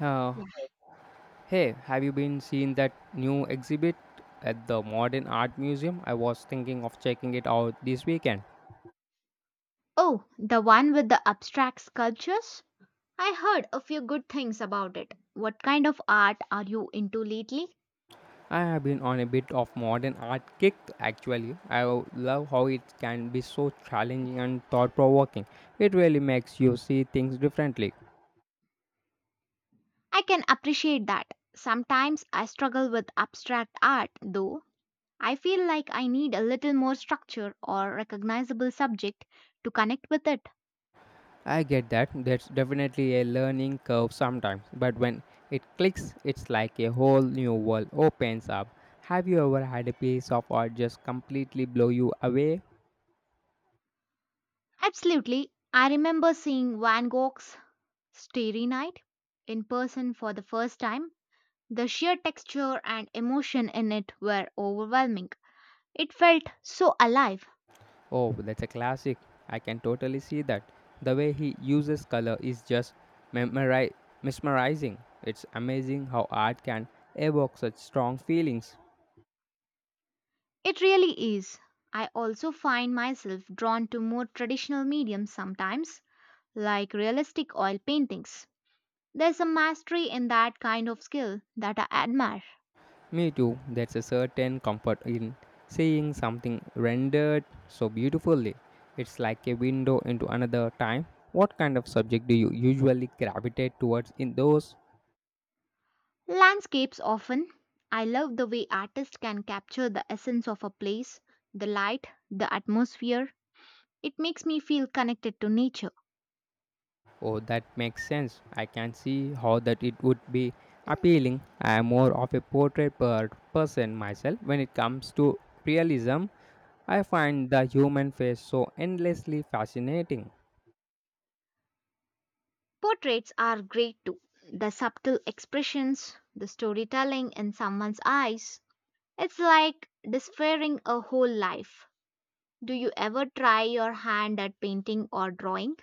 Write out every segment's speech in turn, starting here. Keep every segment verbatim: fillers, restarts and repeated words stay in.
Uh, Yeah. Hey, have you been seeing that new exhibit at the Modern Art Museum? I was thinking of checking it out this weekend. Oh, the one with the abstract sculptures? I heard a few good things about it. What kind of art are you into lately? I have been on a bit of modern art kick actually. I w- love how it can be so challenging and thought provoking. It really makes you see things differently. I can appreciate that. Sometimes I struggle with abstract art, though. I feel like I need a little more structure or recognizable subject to connect with it. I get that there's definitely a learning curve sometimes, but when it clicks, it's like a whole new world opens up. Have you ever had a piece of art just completely blow you away? Absolutely. I remember seeing Van Gogh's Starry Night in person for the first time. The sheer texture and emotion in it were overwhelming. It felt so alive. Oh, that's a classic. I can totally see that. The way he uses color is just memori- mesmerizing. It's amazing how art can evoke such strong feelings. It really is. I also find myself drawn to more traditional mediums sometimes, like realistic oil paintings. There's a mastery in that kind of skill that I admire. Me too, that's a certain comfort in seeing something rendered so beautifully. It's like a window into another time. What kind of subject do you usually gravitate towards in those? Landscapes often. I love the way artists can capture the essence of a place, the light, the atmosphere. It makes me feel connected to nature. Oh, that makes sense. I can see how that it would be appealing. I am more of a portrait per person myself. When it comes to realism, I find the human face so endlessly fascinating. Portraits are great too. The subtle expressions, the storytelling in someone's eyes, it's like despairing a whole life. Do you ever try your hand at painting or drawing?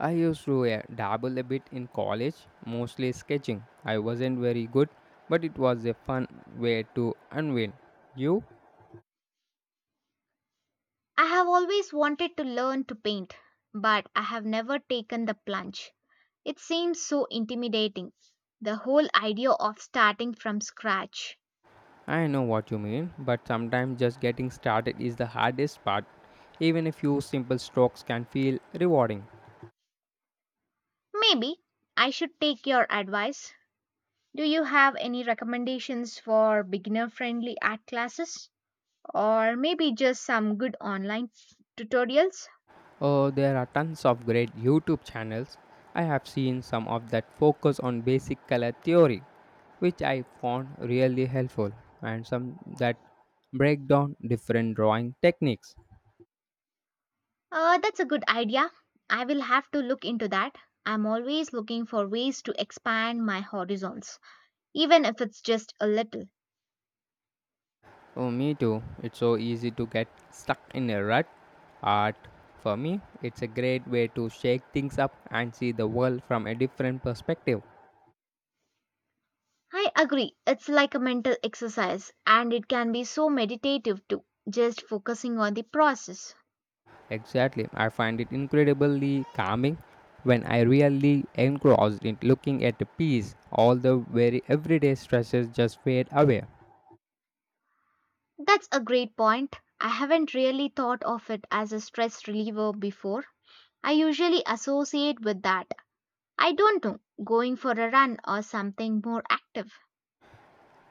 I used to uh, dabble a bit in college, mostly sketching. I wasn't very good, but it was a fun way to unwind. You? I have always wanted to learn to paint, but I have never taken the plunge. It seems so intimidating, the whole idea of starting from scratch. I know what you mean, but sometimes just getting started is the hardest part. Even a few simple strokes can feel rewarding. Maybe I should take your advice. Do you have any recommendations for beginner friendly art classes? Or maybe just some good online tutorials? Oh, there are tons of great YouTube channels. I have seen some of that focus on basic color theory, which I found really helpful, and some that break down different drawing techniques. Uh, that's a good idea. I will have to look into that. I'm always looking for ways to expand my horizons, even if it's just a little. Oh, me too. It's so easy to get stuck in a rut. Art, for me, it's a great way to shake things up and see the world from a different perspective. I agree, it's like a mental exercise and it can be so meditative too, just focusing on the process. Exactly. I find it incredibly calming when I really engrossed in looking at the piece. All the very everyday stresses just fade away. That's a great point. I haven't really thought of it as a stress reliever before. I usually associate with that. I don't know, going for a run or something more active.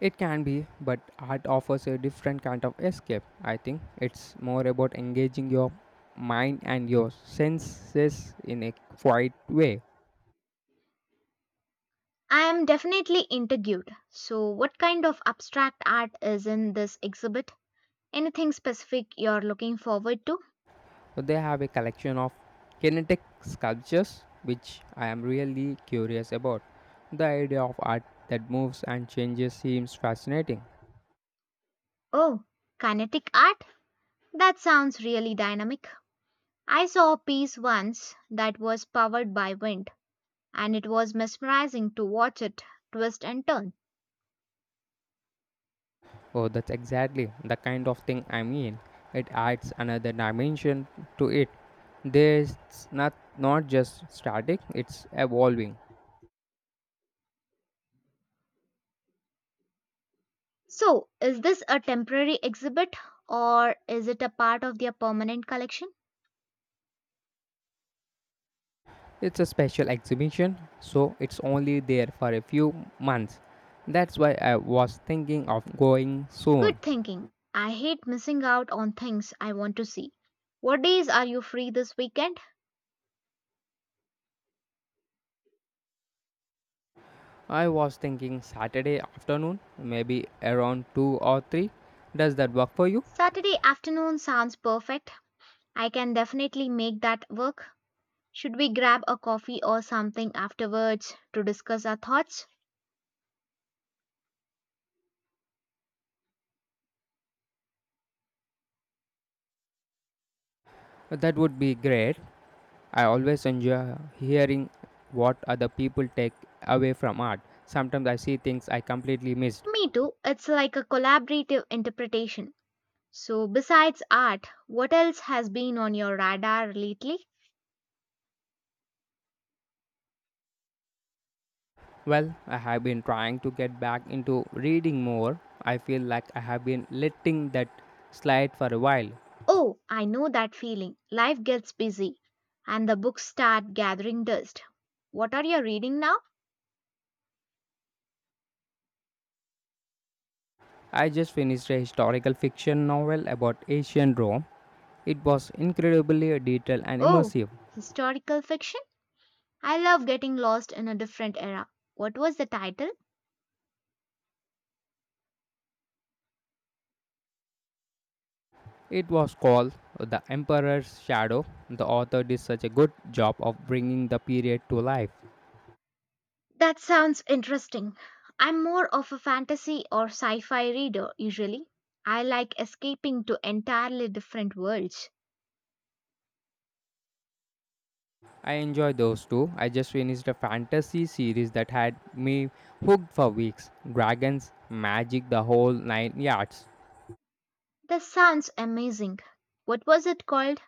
It can be, but art offers a different kind of escape. I think it's more about engaging your mind and your senses in a quiet way. I am definitely intrigued. So, what kind of abstract art is in this exhibit? Anything specific you're looking forward to? So they have a collection of kinetic sculptures which I am really curious about. The idea of art that moves and changes seems fascinating. Oh, kinetic art? That sounds really dynamic. I saw a piece once that was powered by wind, and it was mesmerizing to watch it twist and turn. Oh, that's exactly the kind of thing I mean. It adds another dimension to it. There's not not just static, it's evolving. So, is this a temporary exhibit or is it a part of their permanent collection? It's a special exhibition, so it's only there for a few months. That's why I was thinking of going soon. Good thinking. I hate missing out on things I want to see. What days are you free this weekend? I was thinking Saturday afternoon, maybe around two or three. Does that work for you? Saturday afternoon sounds perfect. I can definitely make that work. Should we grab a coffee or something afterwards to discuss our thoughts? That would be great. I always enjoy hearing what other people take away from art. Sometimes I see things I completely missed. Me too. It's like a collaborative interpretation. So, besides art, what else has been on your radar lately? Well, I have been trying to get back into reading more. I feel like I have been letting that slide for a while. Oh, I know that feeling. Life gets busy and the books start gathering dust. What are you reading now? I just finished a historical fiction novel about ancient Rome. It was incredibly detailed and Oh, immersive. historical fiction? I love getting lost in a different era. What was the title? It was called The Emperor's Shadow. The author did such a good job of bringing the period to life. That sounds interesting. I'm more of a fantasy or sci fi reader usually. I like escaping to entirely different worlds. I enjoy those too. I just finished a fantasy series that had me hooked for weeks. Dragons, magic, the whole nine yards. This sounds amazing. What was it called?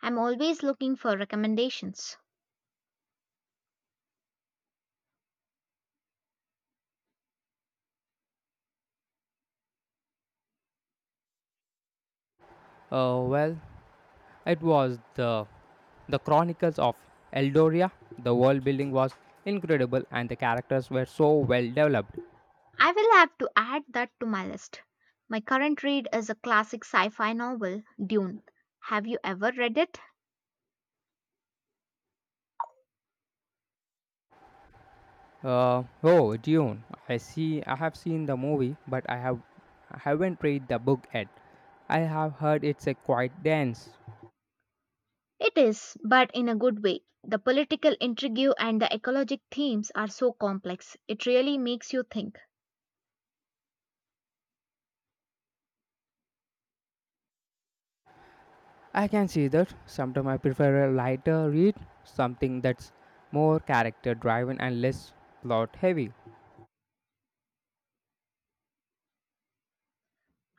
I'm always looking for recommendations. Uh, well, it was the the Chronicles of Eldoria. The world building was incredible, and the characters were so well developed. I will have to add that to my list. My current read is a classic sci fi novel, Dune. Have you ever read it? Uh, oh, Dune. I see. I have seen the movie, but I have I haven't read the book yet. I have heard it's a quite dense. It is, but in a good way. The political intrigue and the ecologic themes are so complex, it really makes you think. I can see that. Sometimes I prefer a lighter read, something that's more character driven and less plot heavy.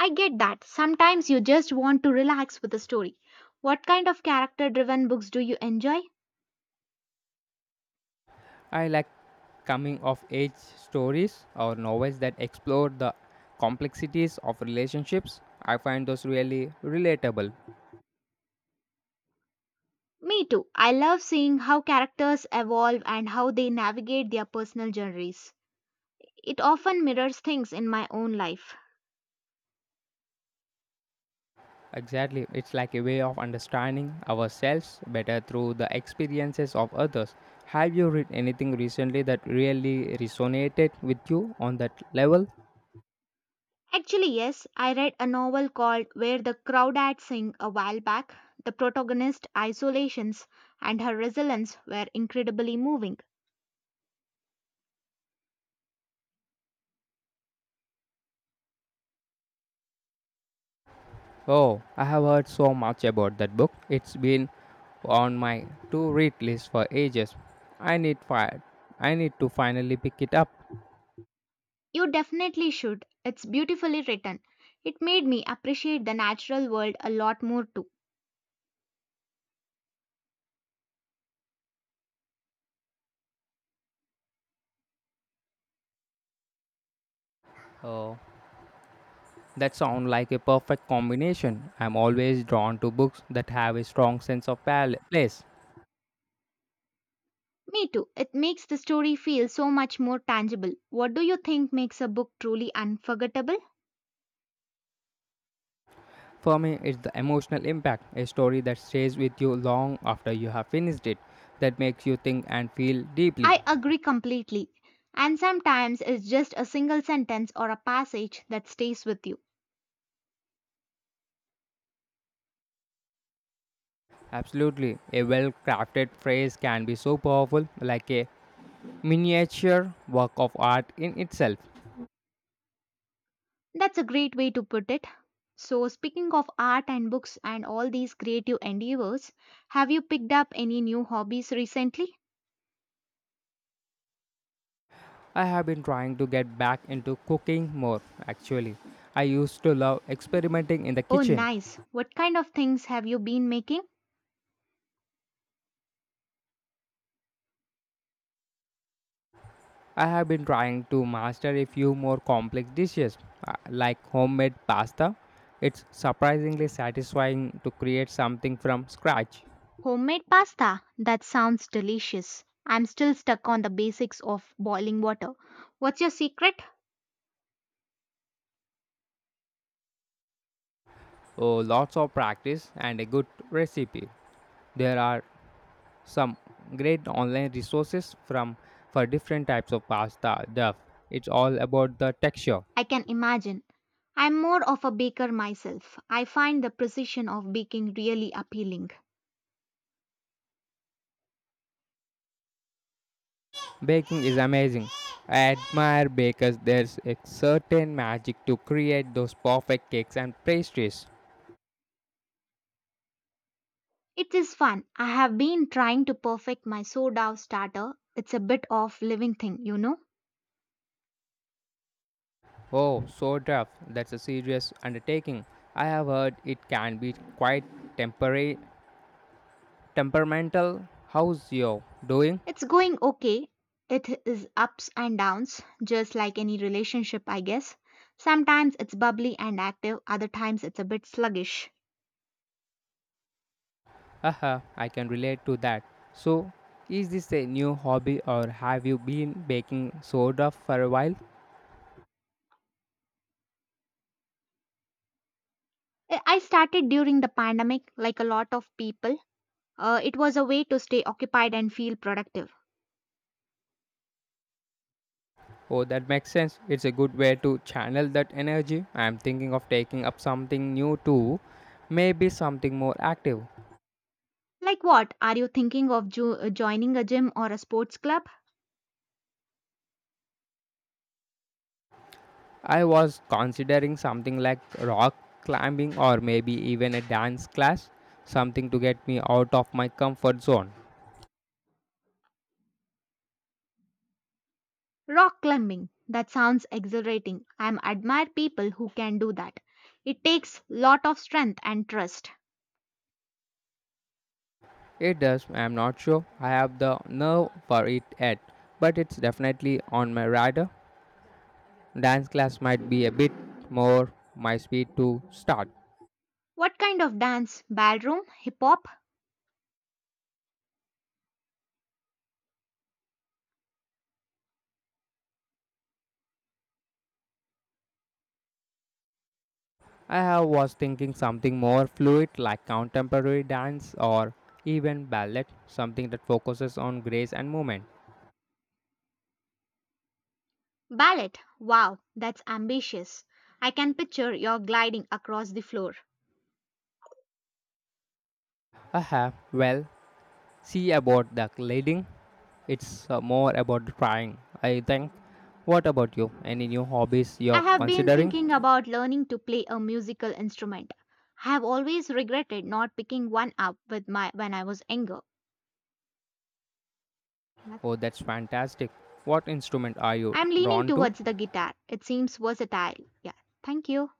I get that. Sometimes you just want to relax with a story. What kind of character driven books do you enjoy? I like coming of age stories or novels that explore the complexities of relationships. I find those really relatable. Me too. I love seeing how characters evolve and how they navigate their personal journeys. It often mirrors things in my own life. Exactly, it's like a way of understanding ourselves better through the experiences of others. Have you read anything recently that really resonated with you on that level? Actually, yes, I read a novel called Where the Crawdads Sing a while back. The protagonist's isolations and her resilience were incredibly moving. Oh, I have heard so much about that book. It's been on my to read list for ages. I need fi- I need to finally pick it up. You definitely should. It's beautifully written. It made me appreciate the natural world a lot more too. Oh, that sounds like a perfect combination. I'm always drawn to books that have a strong sense of pal- place. Me too. It makes the story feel so much more tangible. What do you think makes a book truly unforgettable? For me, it's the emotional impact, a story that stays with you long after you have finished it, that makes you think and feel deeply. I agree completely. And sometimes it's just a single sentence or a passage that stays with you. Absolutely, a well crafted phrase can be so powerful, like a miniature work of art in itself. That's a great way to put it. So, speaking of art and books and all these creative endeavors, have you picked up any new hobbies recently? I have been trying to get back into cooking more actually. I used to love experimenting in the Oh, kitchen. nice. What kind of things have you been making? I have been trying to master a few more complex dishes uh, like homemade pasta. It's surprisingly satisfying to create something from scratch. Homemade pasta. That sounds delicious. I'm still stuck on the basics of boiling water. What's your secret? Oh, lots of practice and a good recipe. There are some great online resources from for different types of pasta. Duff. It's all about the texture. I can imagine. I'm more of a baker myself. I find the precision of baking really appealing. Baking is amazing. I admire bakers. There's a certain magic to create those perfect cakes and pastries. It is fun. I have been trying to perfect my sourdough starter. It's a bit of living thing, you know. Oh, so tough. That's a serious undertaking. I have heard it can be quite temporary, temperamental. How's you doing? It's going okay. It is ups and downs, just like any relationship, I guess. Sometimes it's bubbly and active, other times it's a bit sluggish. Haha, I can relate to that. So, is this a new hobby or have you been baking soda for a while? I I started during the pandemic, like a lot of people. Uh, it was a way to stay occupied and feel productive. Oh, that makes sense. It's a good way to channel that energy. I'm thinking of taking up something new too, maybe something more active. Like what? Are you thinking of jo- joining a gym or a sports club? I was considering something like rock climbing or maybe even a dance class, something to get me out of my comfort zone. Rock climbing. That sounds exhilarating. I admire people who can do that. It takes lot of strength and trust. It does, I'm not sure I have the nerve for it yet, but it's definitely on my radar. Dance class might be a bit more my speed to start. What kind of dance? Ballroom, hip hop, I have was thinking something more fluid like contemporary dance or even ballet, something that focuses on grace and movement. ballet. Wow, that's ambitious. I can picture you gliding across the floor. I have, well, see about the leading. It's uh, more about trying, I think. What about you? Any new hobbies I you're have been considering? thinking about learning to play a musical instrument. I have always regretted not picking one up with my when I was younger. Yeah. Oh, that's fantastic. What instrument are you I'm leaning drawn to? towards the guitar. It seems versatile. Yeah. Thank you.